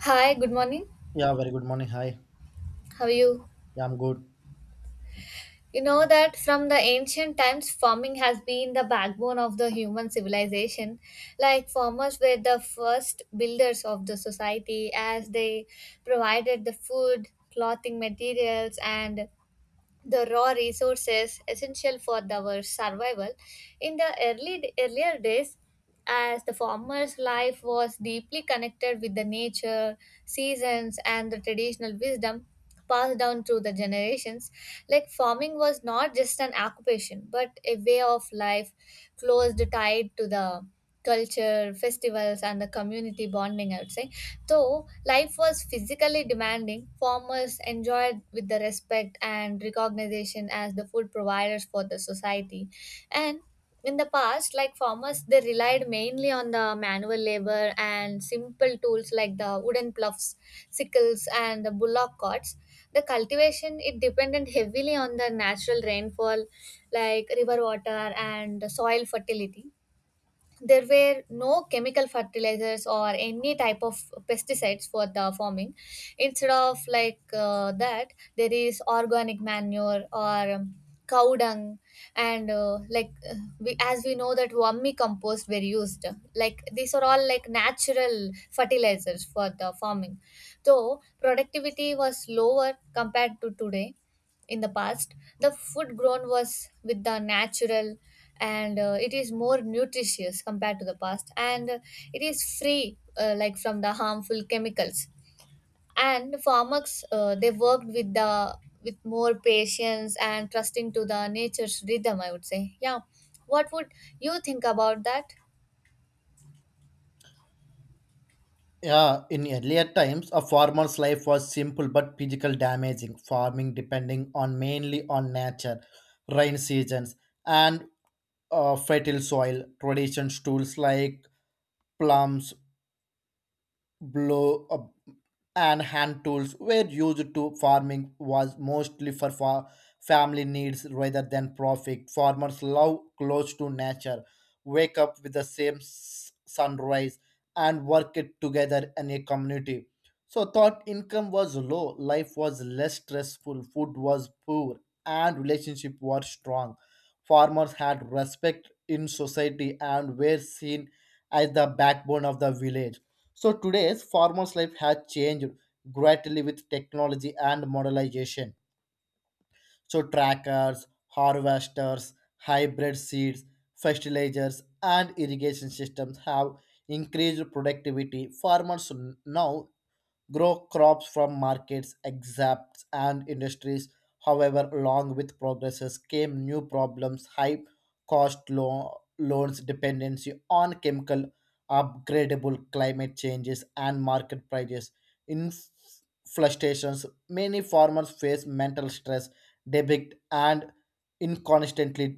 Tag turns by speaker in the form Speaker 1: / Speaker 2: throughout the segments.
Speaker 1: Hi, good morning.
Speaker 2: Yeah, very good morning. Hi.
Speaker 1: How are you?
Speaker 2: Yeah, I'm good.
Speaker 1: You know that from the ancient times, farming has been the backbone of the human civilization. Like, farmers were the first builders of the society as they provided the food, clothing materials, and the raw resources essential for our survival. In the early earlier days, as the farmer's life was deeply connected with the nature, seasons, and the traditional wisdom passed down through the generations. Like farming was not just an occupation, but a way of life closely tied to the culture, festivals, and the community bonding, I would say. Though life was physically demanding, farmers enjoyed with the respect and recognition as the food providers for the society. And in the past, like, farmers they relied mainly on the manual labor and simple tools like the wooden ploughs, sickles, and the bullock carts. The cultivation it depended heavily on the natural rainfall, like river water and the soil fertility. There were no chemical fertilizers or any type of pesticides for the farming. Instead of like that, there is organic manure or cow dung, and we, as we know that vermi compost were used. Like these are all like natural fertilizers for the farming. Though productivity was lower compared to today, in the past the food grown was with the natural, and it is more nutritious compared to the past, and it is free, like, from the harmful chemicals. And farmers they worked with the, with more patience and trusting to the nature's rhythm, I would say. Yeah, what would you think about that?
Speaker 2: Yeah, in earlier times, a farmer's life was simple but physical damaging. Farming depending on mainly on nature, rain seasons, and fertile soil. Traditional tools like plums, blow up and hand tools were used to farming was mostly for family needs rather than profit. Farmers love close to nature, wake up with the same sunrise and work it together in a community. So thought income was low, life was less stressful, food was poor, and relationship were strong. Farmers had respect in society and were seen as the backbone of the village. So today's farmers' life has changed greatly with technology and modernization. So trackers, harvesters, hybrid seeds, fertilizers, and irrigation systems have increased productivity. Farmers now grow crops from markets, exapts, and industries. However, along with progresses came new problems, high cost, loans, dependency on chemical, upgradable climate changes, and market prices. In frustrations, many farmers face mental stress, debit, and inconstantly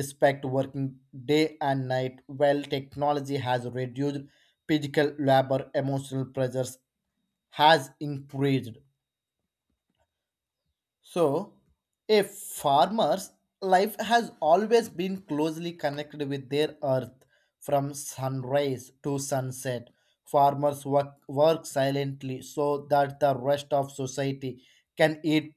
Speaker 2: despite working day and night. While technology has reduced physical labor, emotional pressures has increased. So, a farmer's life has always been closely connected with their earth, from sunrise to sunset. Farmers work silently so that the rest of society can eat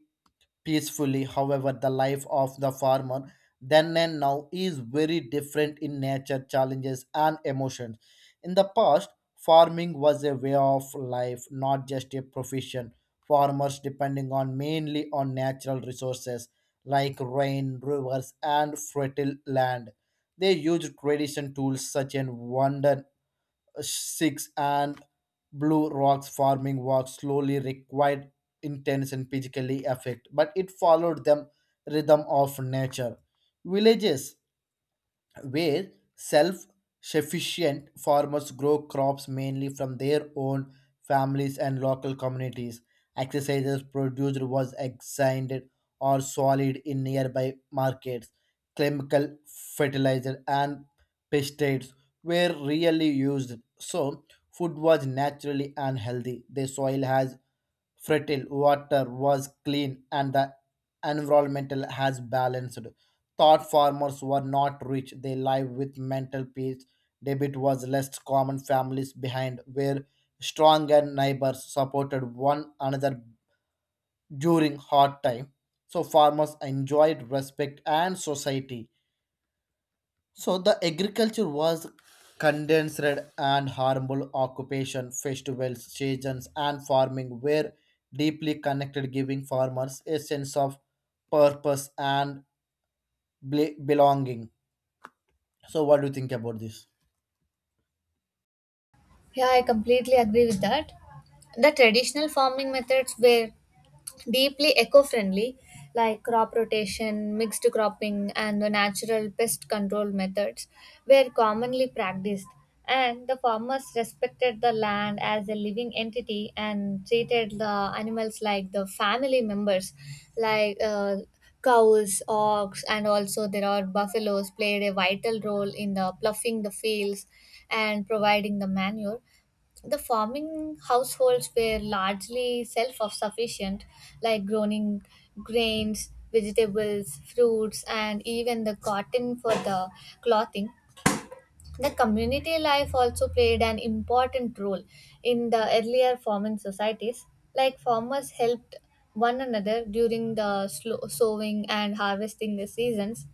Speaker 2: peacefully. However, the life of the farmer then and now is very different in nature, challenges, and emotions. In the past, farming was a way of life, not just a profession. Farmers depending on mainly on natural resources like rain, rivers, and fertile land. They used tradition tools such as wonder six and blue rocks. Farming work slowly required intense and physically effect, but it followed them rhythm of nature. Villages where self sufficient, farmers grow crops mainly from their own families and local communities. Exercises produced was exchanged or sold in nearby markets. Chemical fertilizer and pesticides were rarely used, so food was naturally unhealthy. The soil has fertile, water was clean, and the environmental has balanced. Thought farmers were not rich, they live with mental peace. Debit was less common, families behind were strong, and neighbors supported one another during hard time. So farmers enjoyed respect and society, so the agriculture was condensed and harmful occupation. Festivals, seasons, and farming were deeply connected, giving farmers a sense of purpose and belonging. So what do you think about this?
Speaker 1: Yeah, I completely agree with that. The traditional farming methods were deeply eco friendly, like crop rotation, mixed cropping, and the natural pest control methods were commonly practiced. And the farmers respected the land as a living entity and treated the animals like the family members, like, cows, ox, and also there are buffaloes played a vital role in the ploughing the fields and providing the manure. The farming households were largely self-sufficient, like growing grains, vegetables, fruits, and even the cotton for the clothing. The community life also played an important role in the earlier farming societies. Like, farmers helped one another during the slow sowing and harvesting the seasons.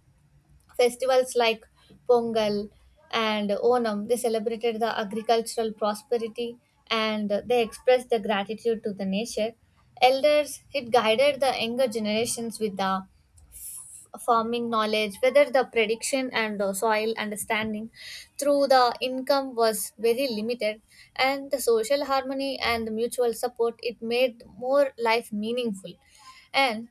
Speaker 1: Festivals like Pongal and Onam, they celebrated the agricultural prosperity and they expressed the gratitude to the nature. Elders it guided the younger generations with the farming knowledge, whether the prediction and soil understanding. Through the income was very limited, and the social harmony and the mutual support it made more life meaningful. And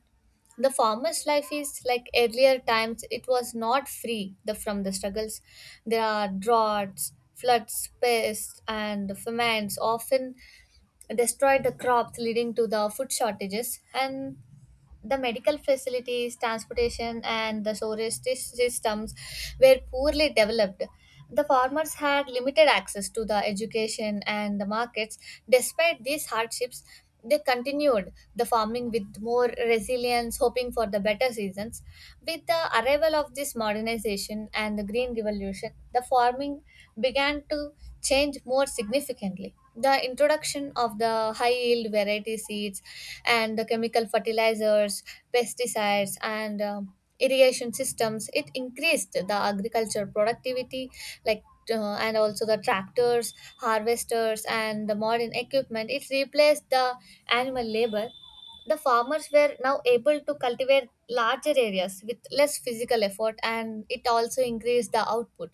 Speaker 1: the farmer's life is like earlier times, it was not free from the struggles. There are droughts, floods, pests, and famines often destroyed the crops, leading to the food shortages. And the medical facilities, transportation, and the storage systems were poorly developed. The farmers had limited access to the education and the markets. Despite these hardships, they continued the farming with more resilience, hoping for the better seasons. With the arrival of this modernization and the Green Revolution, the farming began to change more significantly. The introduction of the high yield variety seeds and the chemical fertilizers, pesticides, and irrigation systems it increased the agriculture productivity. Like and also the tractors, harvesters, and the modern equipment it replaced the animal labor. The farmers were now able to cultivate larger areas with less physical effort, and it also increased the output.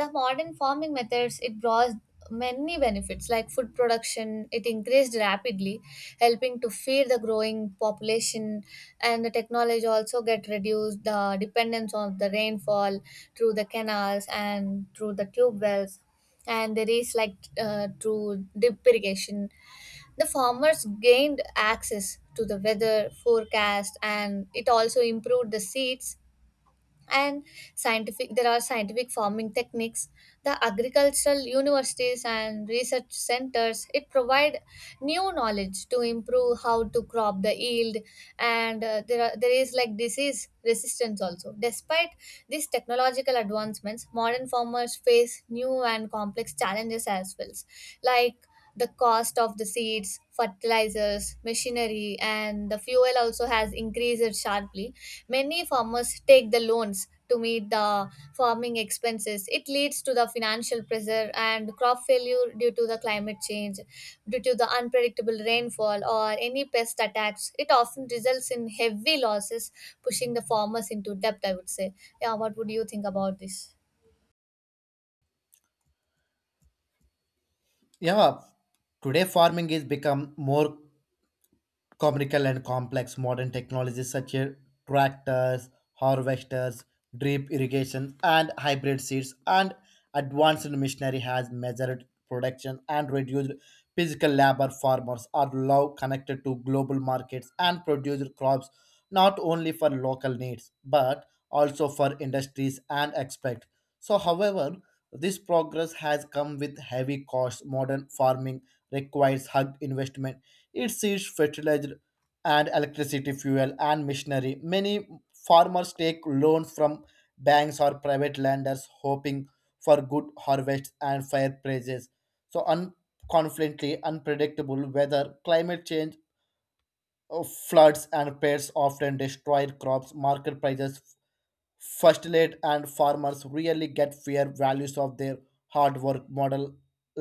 Speaker 1: The modern farming methods it brought many benefits, like food production it increased rapidly, helping to feed the growing population. And the technology also get reduced the dependence on the rainfall through the canals and through the tube wells, and there is like through deep irrigation. The farmers gained access to the weather forecast, and it also improved the seeds and scientific farming techniques. The agricultural universities and research centers it provide new knowledge to improve how to crop the yield, and there is like disease resistance also. Despite these technological advancements, modern farmers face new and complex challenges as well, like the cost of the seeds, fertilizers, machinery, and the fuel also has increased sharply. Many farmers take the loans to meet the farming expenses. It leads to the financial pressure and crop failure due to the climate change, due to the unpredictable rainfall or any pest attacks. It often results in heavy losses, pushing the farmers into debt, I would say. Yeah, what would you think about this?
Speaker 2: Yeah, today farming is become more comical and complex. Modern technologies such as tractors, harvesters, drip irrigation, and hybrid seeds, and advanced machinery has measured production and reduced physical labor. Farmers are now connected to global markets and produce crops not only for local needs but also for industries and export. So, however, this progress has come with heavy costs. Modern farming requires hard investment, it sees fertilizer and electricity, fuel and machinery. Many farmers take loans from banks or private lenders hoping for good harvests and fair prices. So un- confidently unpredictable weather, climate change, floods and pests often destroy crops, market prices first late, and farmers really get fair values of their hard work model,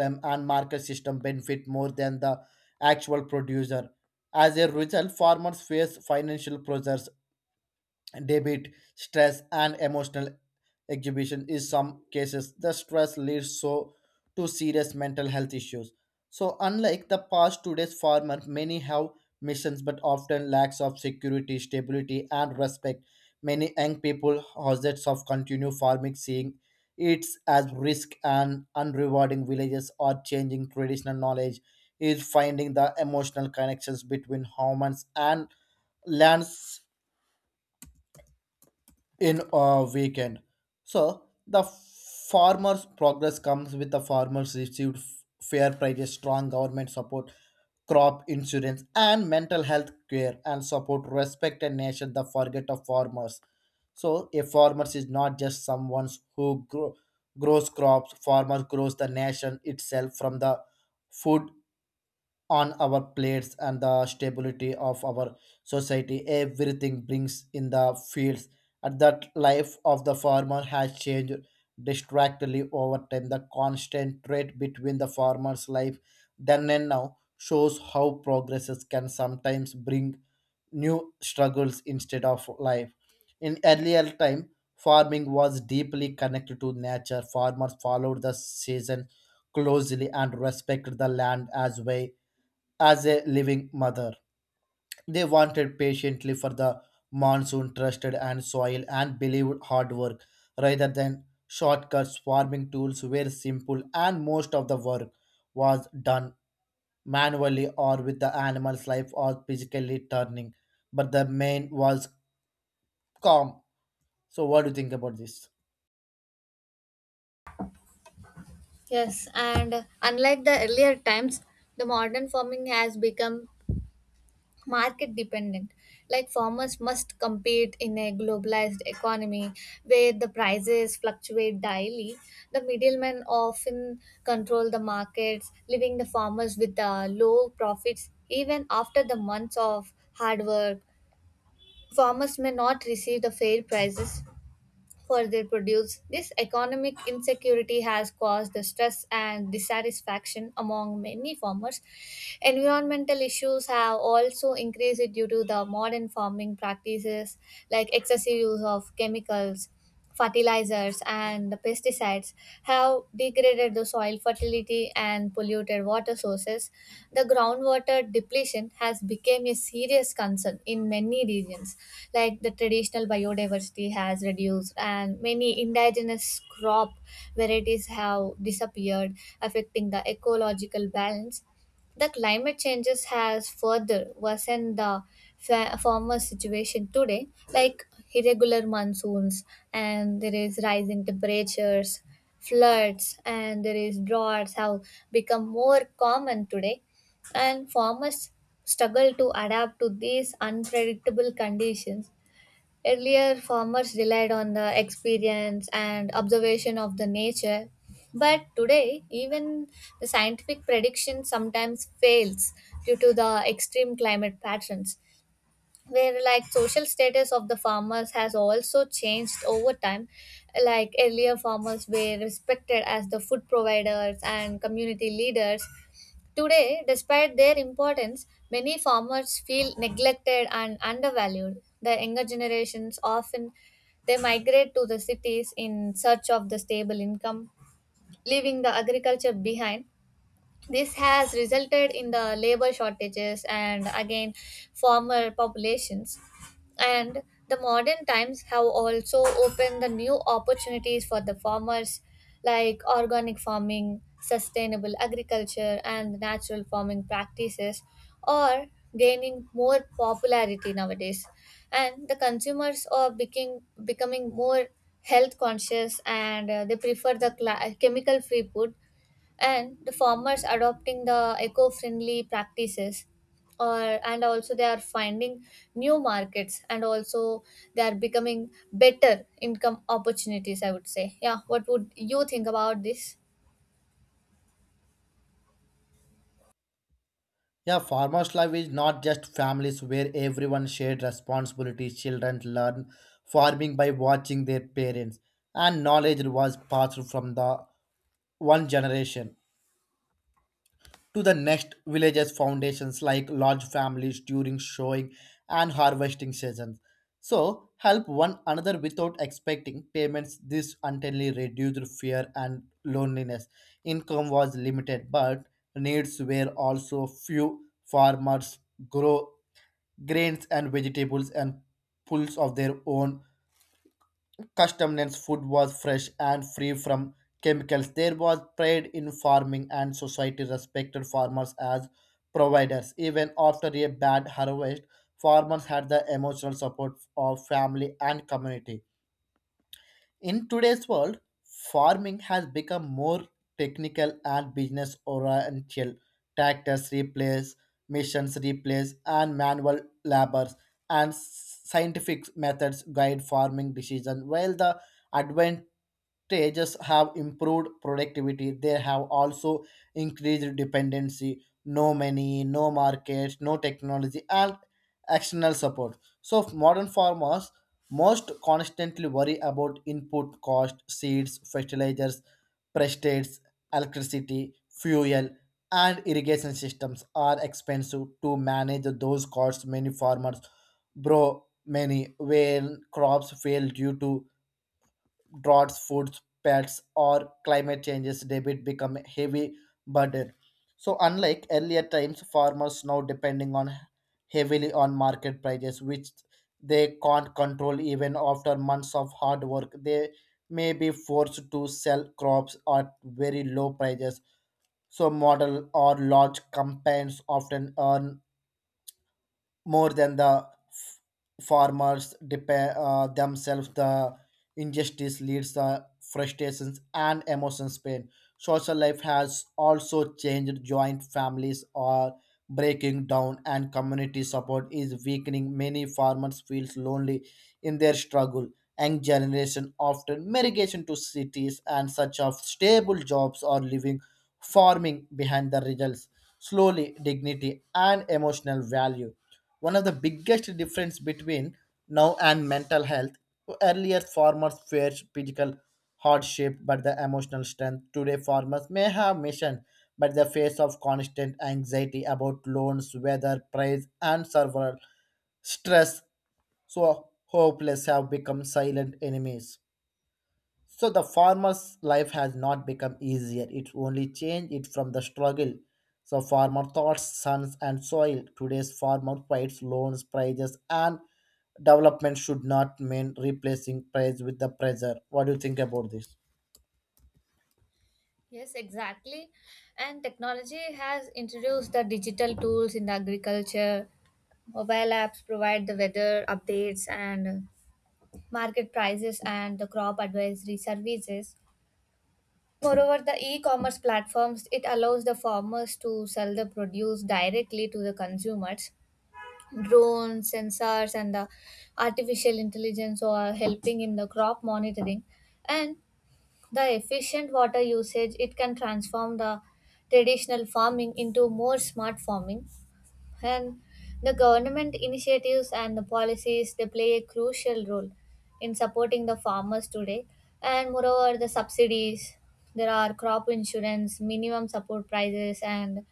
Speaker 2: and market system benefit more than the actual producer. As a result, farmers face financial pressures, debit, stress, and emotional exhibition. In some cases, the stress leads so to serious mental health issues. So, unlike the past, today's farmer many have missions but often lacks of security, stability, and respect. Many young people hazards of continue farming, seeing it as risk and unrewarding. Villages are changing, traditional knowledge is finding the emotional connections between humans and lands in a weekend. So the farmers' progress comes with the farmers received fair prices, strong government support, crop insurance, and mental health care and support. Respect and nation the forget of farmers. So a farmer is not just someone who grows crops. Farmer grows the nation itself, from the food on our plates and the stability of our society. Everything brings in the fields. At that life of the farmer has changed distractedly over time. The constant trade between the farmer's life then and now shows how progresses can sometimes bring new struggles instead of life. In earlier time, farming was deeply connected to nature. Farmers followed the season closely and respected the land as well as a living mother. They wanted patiently for the monsoon, trusted and soil, and believed hard work rather than shortcuts. Farming tools were simple, and most of the work was done manually or with the animal's life or physically turning. But the main was calm. So, what do you think about this?
Speaker 1: Yes, and unlike the earlier times, the modern farming has become market dependent. Like, farmers must compete in a globalized economy where the prices fluctuate daily. The middlemen often control the markets, leaving the farmers with low profits even after the months of hard work. Farmers may not receive the fair prices for their produce. This economic insecurity has caused the stress and dissatisfaction among many farmers. Environmental issues have also increased due to the modern farming practices, like excessive use of chemicals. Fertilizers and the pesticides have degraded the soil fertility and polluted water sources. The groundwater depletion has become a serious concern in many regions. Like the traditional biodiversity has reduced and many indigenous crop varieties have disappeared, affecting the ecological balance. The climate changes has further worsened the former situation today, like irregular monsoons, and there is rising temperatures, floods, and there is droughts have become more common today, and farmers struggle to adapt to these unpredictable conditions. Earlier, farmers relied on the experience and observation of the nature, but today, even the scientific prediction sometimes fails due to the extreme climate patterns. Where like social status of the farmers has also changed over time. Like earlier, farmers were respected as the food providers and community leaders. Today, despite their importance, many farmers feel neglected and undervalued. The younger generations often they migrate to the cities in search of the stable income, leaving the agriculture behind. This has resulted in the labor shortages and again farmer populations. And the modern times have also opened the new opportunities for the farmers, like organic farming, sustainable agriculture, and natural farming practices are gaining more popularity nowadays. And the consumers are becoming more health conscious, and they prefer the cla chemical free food. And the farmers adopting the eco-friendly practices or and also they are finding new markets, and also they are becoming better income opportunities, I would say. Yeah, what would you think about this?
Speaker 2: Yeah, farmers' life is not just families where everyone shared responsibilities. Children learn farming by watching their parents, and knowledge was passed from the one generation to the next. Villages foundations like large families during showing and harvesting seasons, so help one another without expecting payments. This ultimately reduced fear and loneliness. Income was limited but needs were also few. Farmers grow grains and vegetables and pulls of their own. Customness food was fresh and free from chemicals. There was pride in farming, and society respected farmers as providers. Even after a bad harvest, farmers had the emotional support of family and community. In today's world, farming has become more technical and business oriented. Tractors replace, machines replace, and manual labors and scientific methods guide farming decisions. While the advantages have improved productivity, they have also increased dependency. No money, no markets, no technology, and external support. So modern farmers most constantly worry about input cost, seeds, fertilizers, pesticides, electricity, fuel, and irrigation systems are expensive to manage those costs. Many when crops fail due to droughts, foods, pets, or climate changes, debit become a heavy burden. So unlike earlier times, farmers now depending on heavily on market prices, which they can't control. Even after months of hard work, they may be forced to sell crops at very low prices. So model or large campaigns often earn more than the farmers depend themselves. The injustice leads the frustrations and emotions pain. Social life has also changed, joint families are breaking down, and community support is weakening. Many farmers feels lonely in their struggle. Young generation often migration to cities and such of stable jobs or living farming behind, the results slowly dignity and emotional value. One of the biggest difference between now and mental health, earlier farmers faced physical hardship but the emotional strength. Today farmers may have mission but the face of constant anxiety about loans, weather, price and survival stress. So hopeless have become silent enemies. So the farmer's life has not become easier. It only changed it from the struggle. So farmer thoughts, sons and soil. Today's farmer fights loans, prices, and development should not mean replacing price with the pressure. What do you think about this?
Speaker 1: Yes, exactly. And technology has introduced the digital tools in the agriculture. Mobile apps provide the weather updates and market prices and the crop advisory services. Moreover, the e-commerce platforms it allows the farmers to sell the produce directly to the consumers. Drones, sensors, and the artificial intelligence are helping in the crop monitoring, and the efficient water usage it can transform the traditional farming into more smart farming. And the government initiatives and the policies they play a crucial role in supporting the farmers today. And moreover, the subsidies, there are crop insurance, minimum support prices, and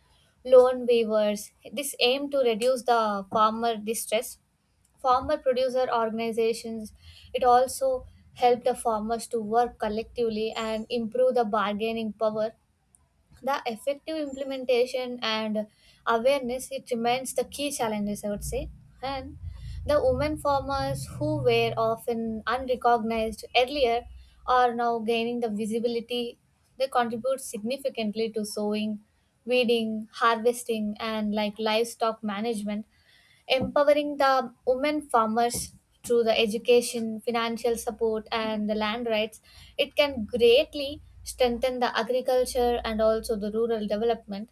Speaker 1: loan waivers. This aim to reduce the farmer distress. Farmer producer organizations, it also help the farmers to work collectively and improve the bargaining power. The effective implementation and awareness it remains the key challenges, I would say. And the women farmers who were often unrecognized earlier are now gaining the visibility. They contribute significantly to sowing, weeding, harvesting, and like livestock management. Empowering the women farmers through the education, financial support, and the land rights, it can greatly strengthen the agriculture and also the rural development.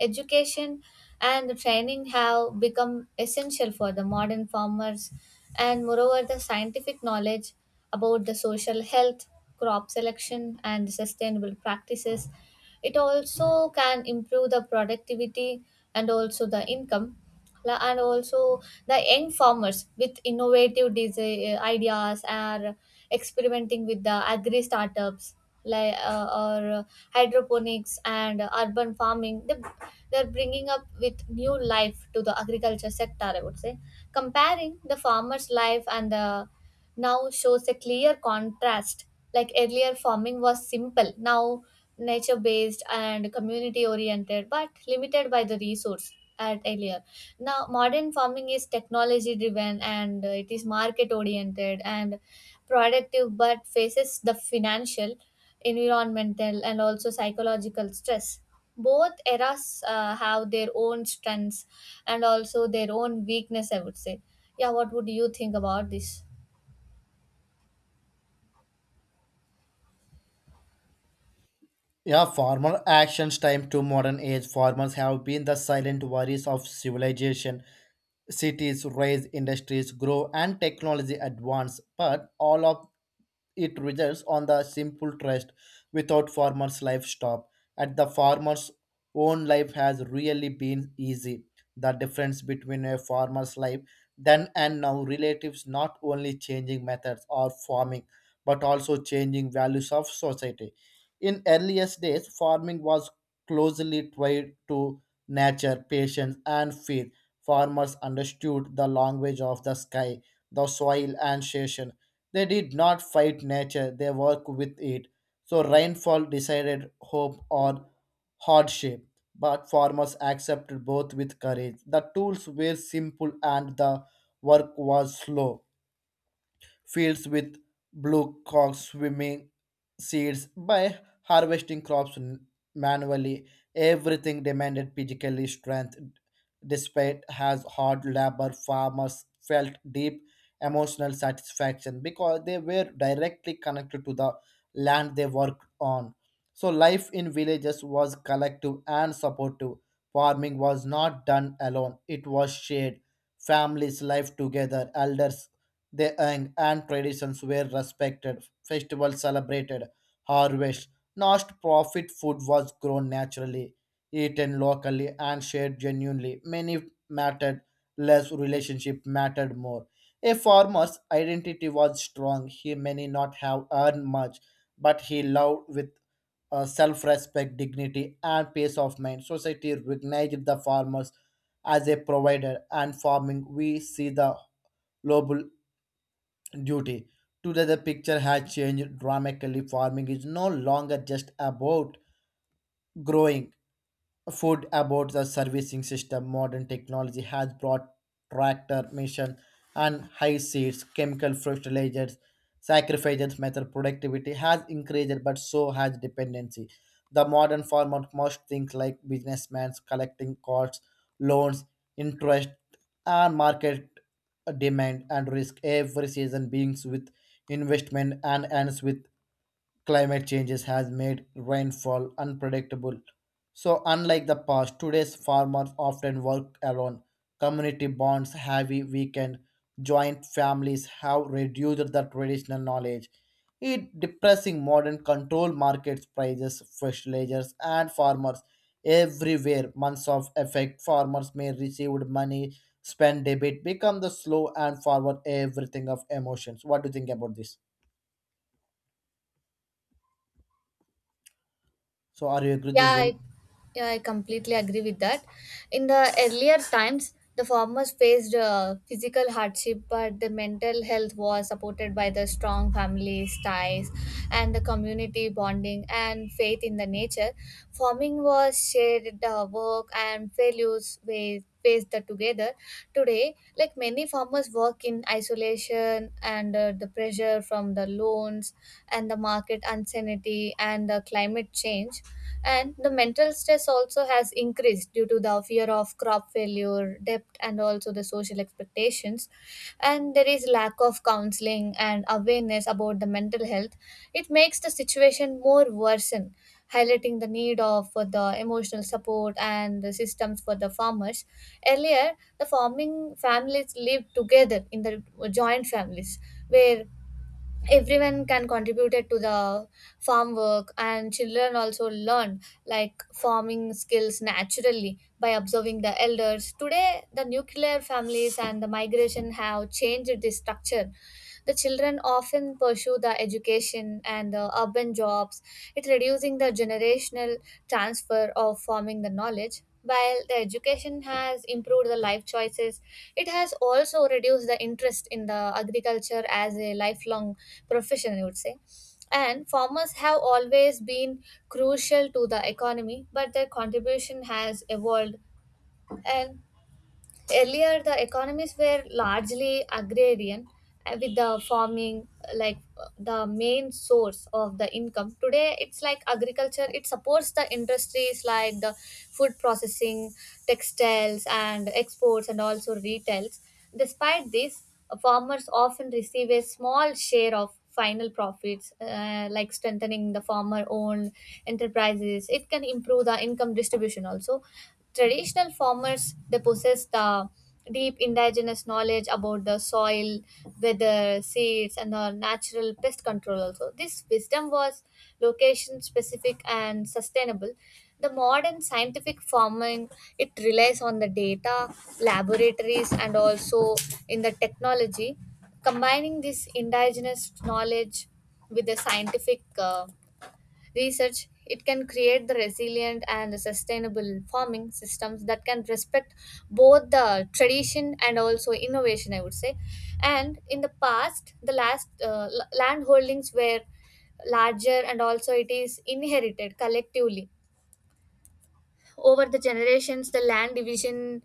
Speaker 1: Education and the training have become essential for the modern farmers, and moreover, the scientific knowledge about the social health, crop selection, and sustainable practices. It also can improve the productivity and also the income. And also the young farmers with innovative ideas are experimenting with the agri startups, like or hydroponics and urban farming, they're bringing up with new life to the agriculture sector, I would say. Comparing the farmer's life and the now shows a clear contrast. Like earlier, farming was simple, now nature based and community oriented, but limited by the resource at earlier. Now, modern farming is technology driven, and it is market oriented and productive, but faces the financial, environmental, and also psychological stress. Both eras have their own strengths and also their own weakness, I would say. Yeah, what would you think about this?
Speaker 2: Yeah, former actions time to modern age. Farmers have been the silent warriors of civilization. Cities rise, industries grow, and technology advance. But all of it results on the simple trust, without farmers' life stop. At the farmer's own life has really been easy. The difference between a farmer's life then and now relatives not only changing methods or farming, but also changing values of society. In earliest days, farming was closely tied to nature, patience, and faith. Farmers understood the language of the sky, the soil, and station. They did not fight nature, they worked with it. So rainfall decided hope or hardship, but farmers accepted both with courage. The tools were simple and the work was slow. Fields with blue cocks swimming seeds by harvesting crops manually. Everything demanded physical strength. Despite has hard labor, farmers felt deep emotional satisfaction because they were directly connected to the land they worked on. So life in villages was collective and supportive. Farming was not done alone; it was shared. Families live together, elders their and traditions were respected, festivals celebrated, harvest, not profit. Food was grown naturally, eaten locally, and shared genuinely. Many mattered less, relationship mattered more. A farmer's identity was strong. He may not have earned much, but he loved with self-respect, dignity, and peace of mind. Society recognized the farmers as a provider, and farming we see the global duty. Today, the picture has changed dramatically. Farming is no longer just about growing, food, about the servicing system. Modern technology has brought tractor mission and high seeds, chemical fertilizers sacrifices method. Productivity has increased but so has dependency. The modern farmer must think like businessmen, collecting costs, loans, interest, and market demand and risk. Every season begins with investment and ends with climate changes has made rainfall unpredictable. So unlike the past, today's farmers often work alone. Community bonds heavy weekend, joint families have reduced the traditional knowledge. It depressing modern control markets prices, fertilizers and farmers everywhere. Months of effect farmers may received money, spend debit, become the slow and forward everything of emotions. What do you think about this? So are you agree with this?
Speaker 1: Yeah, I, yeah, I completely agree with that. In the earlier times, the farmers faced physical hardship, but the mental health was supported by the strong family ties and the community bonding and faith in the nature. Farming was shared work and failures with faced that together. Today, like, many farmers work in isolation, and the pressure from the loans and the market uncertainty and the climate change and the mental stress also has increased due to the fear of crop failure debt and also the social expectations, and there is lack of counseling and awareness about the mental health. It makes the situation more worsen, highlighting the need of for the emotional support and the systems for the farmers. Earlier, the farming families lived together in the joint families, where everyone can contribute it to the farm work, and children also learn, like, farming skills naturally by observing the elders. Today, the nuclear families and the migration have changed the structure. The children often pursue the education and the urban jobs, it reducing the generational transfer of farming the knowledge. While the education has improved the life choices, it has also reduced the interest in the agriculture as a lifelong profession, I would say. And farmers have always been crucial to the economy, but their contribution has evolved. And earlier, the economies were largely agrarian, with the farming like the main source of the income. Today, it's like agriculture. It supports the industries like the food processing, textiles, and exports, and also retails. Despite this, farmers often receive a small share of final profits. Like, strengthening the farmer owned enterprises, it can improve the income distribution also. Traditional farmers, they possess the deep indigenous knowledge about the soil, weather, seeds, and the natural pest control. Also, this wisdom was location specific and sustainable. The modern scientific farming, it relies on the data, laboratories, and also in the technology. Combining this indigenous knowledge with the scientific research, it can create the resilient and sustainable farming systems that can respect both the tradition and also innovation, I would say. And in the past, the last land holdings were larger, and also it is inherited collectively. Over the generations, the land division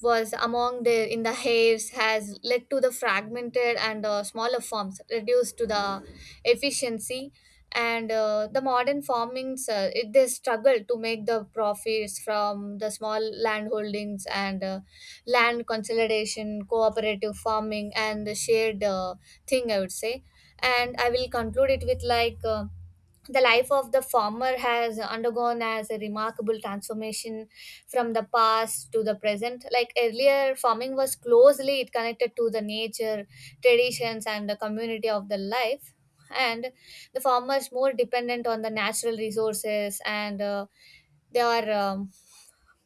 Speaker 1: was among the in the haves, has led to the fragmented and smaller farms, reduced to the efficiency. And the modern farmings, it, they struggle to make the profits from the small land holdings, and land consolidation, cooperative farming, and the shared thing, I would say. And I will conclude it with, like, the life of the farmer has undergone as a remarkable transformation from the past to the present. Like, earlier farming was closely connected to the nature, traditions, and the community of the life. And the farmers more dependent on the natural resources, and they are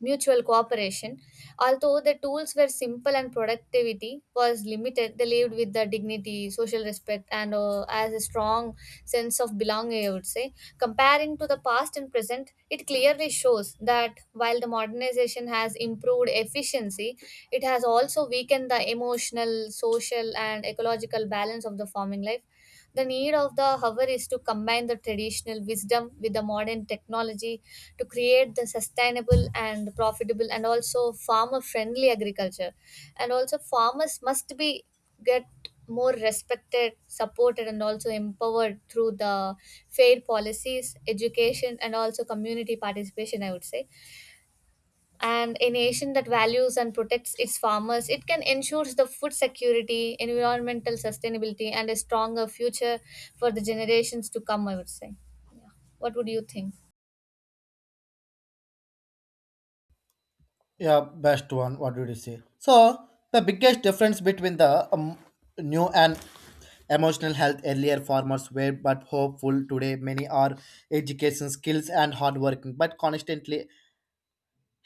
Speaker 1: mutual cooperation. Although the tools were simple and productivity was limited, they lived with the dignity, social respect, and as a strong sense of belonging, I would say. Comparing to the past and present, it clearly shows that while the modernization has improved efficiency, it has also weakened the emotional, social, and ecological balance of the farming life. The need of the hour is to combine the traditional wisdom with the modern technology to create the sustainable and profitable and also farmer friendly agriculture. And also, farmers must be get more respected, supported, and also empowered through the fair policies, education, and also community participation, I would say. And a nation that values and protects its farmers, it can ensure the food security, environmental sustainability, and a stronger future for the generations to come, I would say. Yeah. What would you think?
Speaker 2: Yeah, best one. What did you say? So the biggest difference between the new and emotional health, earlier farmers were but hopeful, today many are education skills and hard working but constantly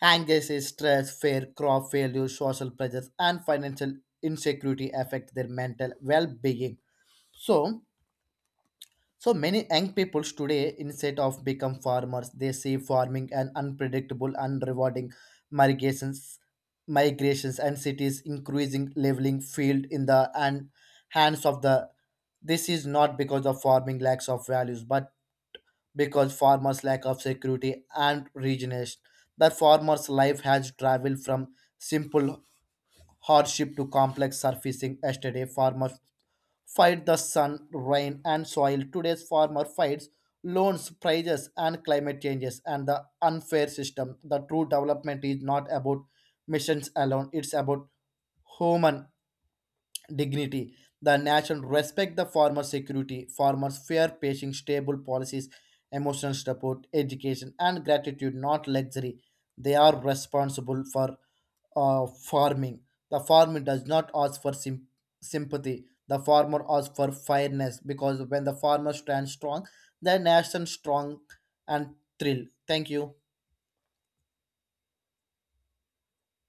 Speaker 2: anxiety, stress, fear, crop failure, social pressures, and financial insecurity affect their mental well-being. So so many young people today, instead of become farmers, they see farming an unpredictable and rewarding. Migrations, migrations and cities increasing leveling field in the and hands of the. This is not because of farming lacks of values, but because farmers lack of security and regeneration. The farmer's life has traveled from simple hardship to complex surfacing. Yesterday, farmers fight the sun, rain, and soil. Today's farmer fights loans, prices, and climate changes and the unfair system. The true development is not about missions alone, it's about human dignity. The nation respect the farmer's security, farmers fair pacing, stable policies, emotional support, education, and gratitude, not luxury. They are responsible for farming. The farmer does not ask for sympathy. The farmer asks for fairness, because when the farmer stands strong, the nation strong and thrill. Thank you.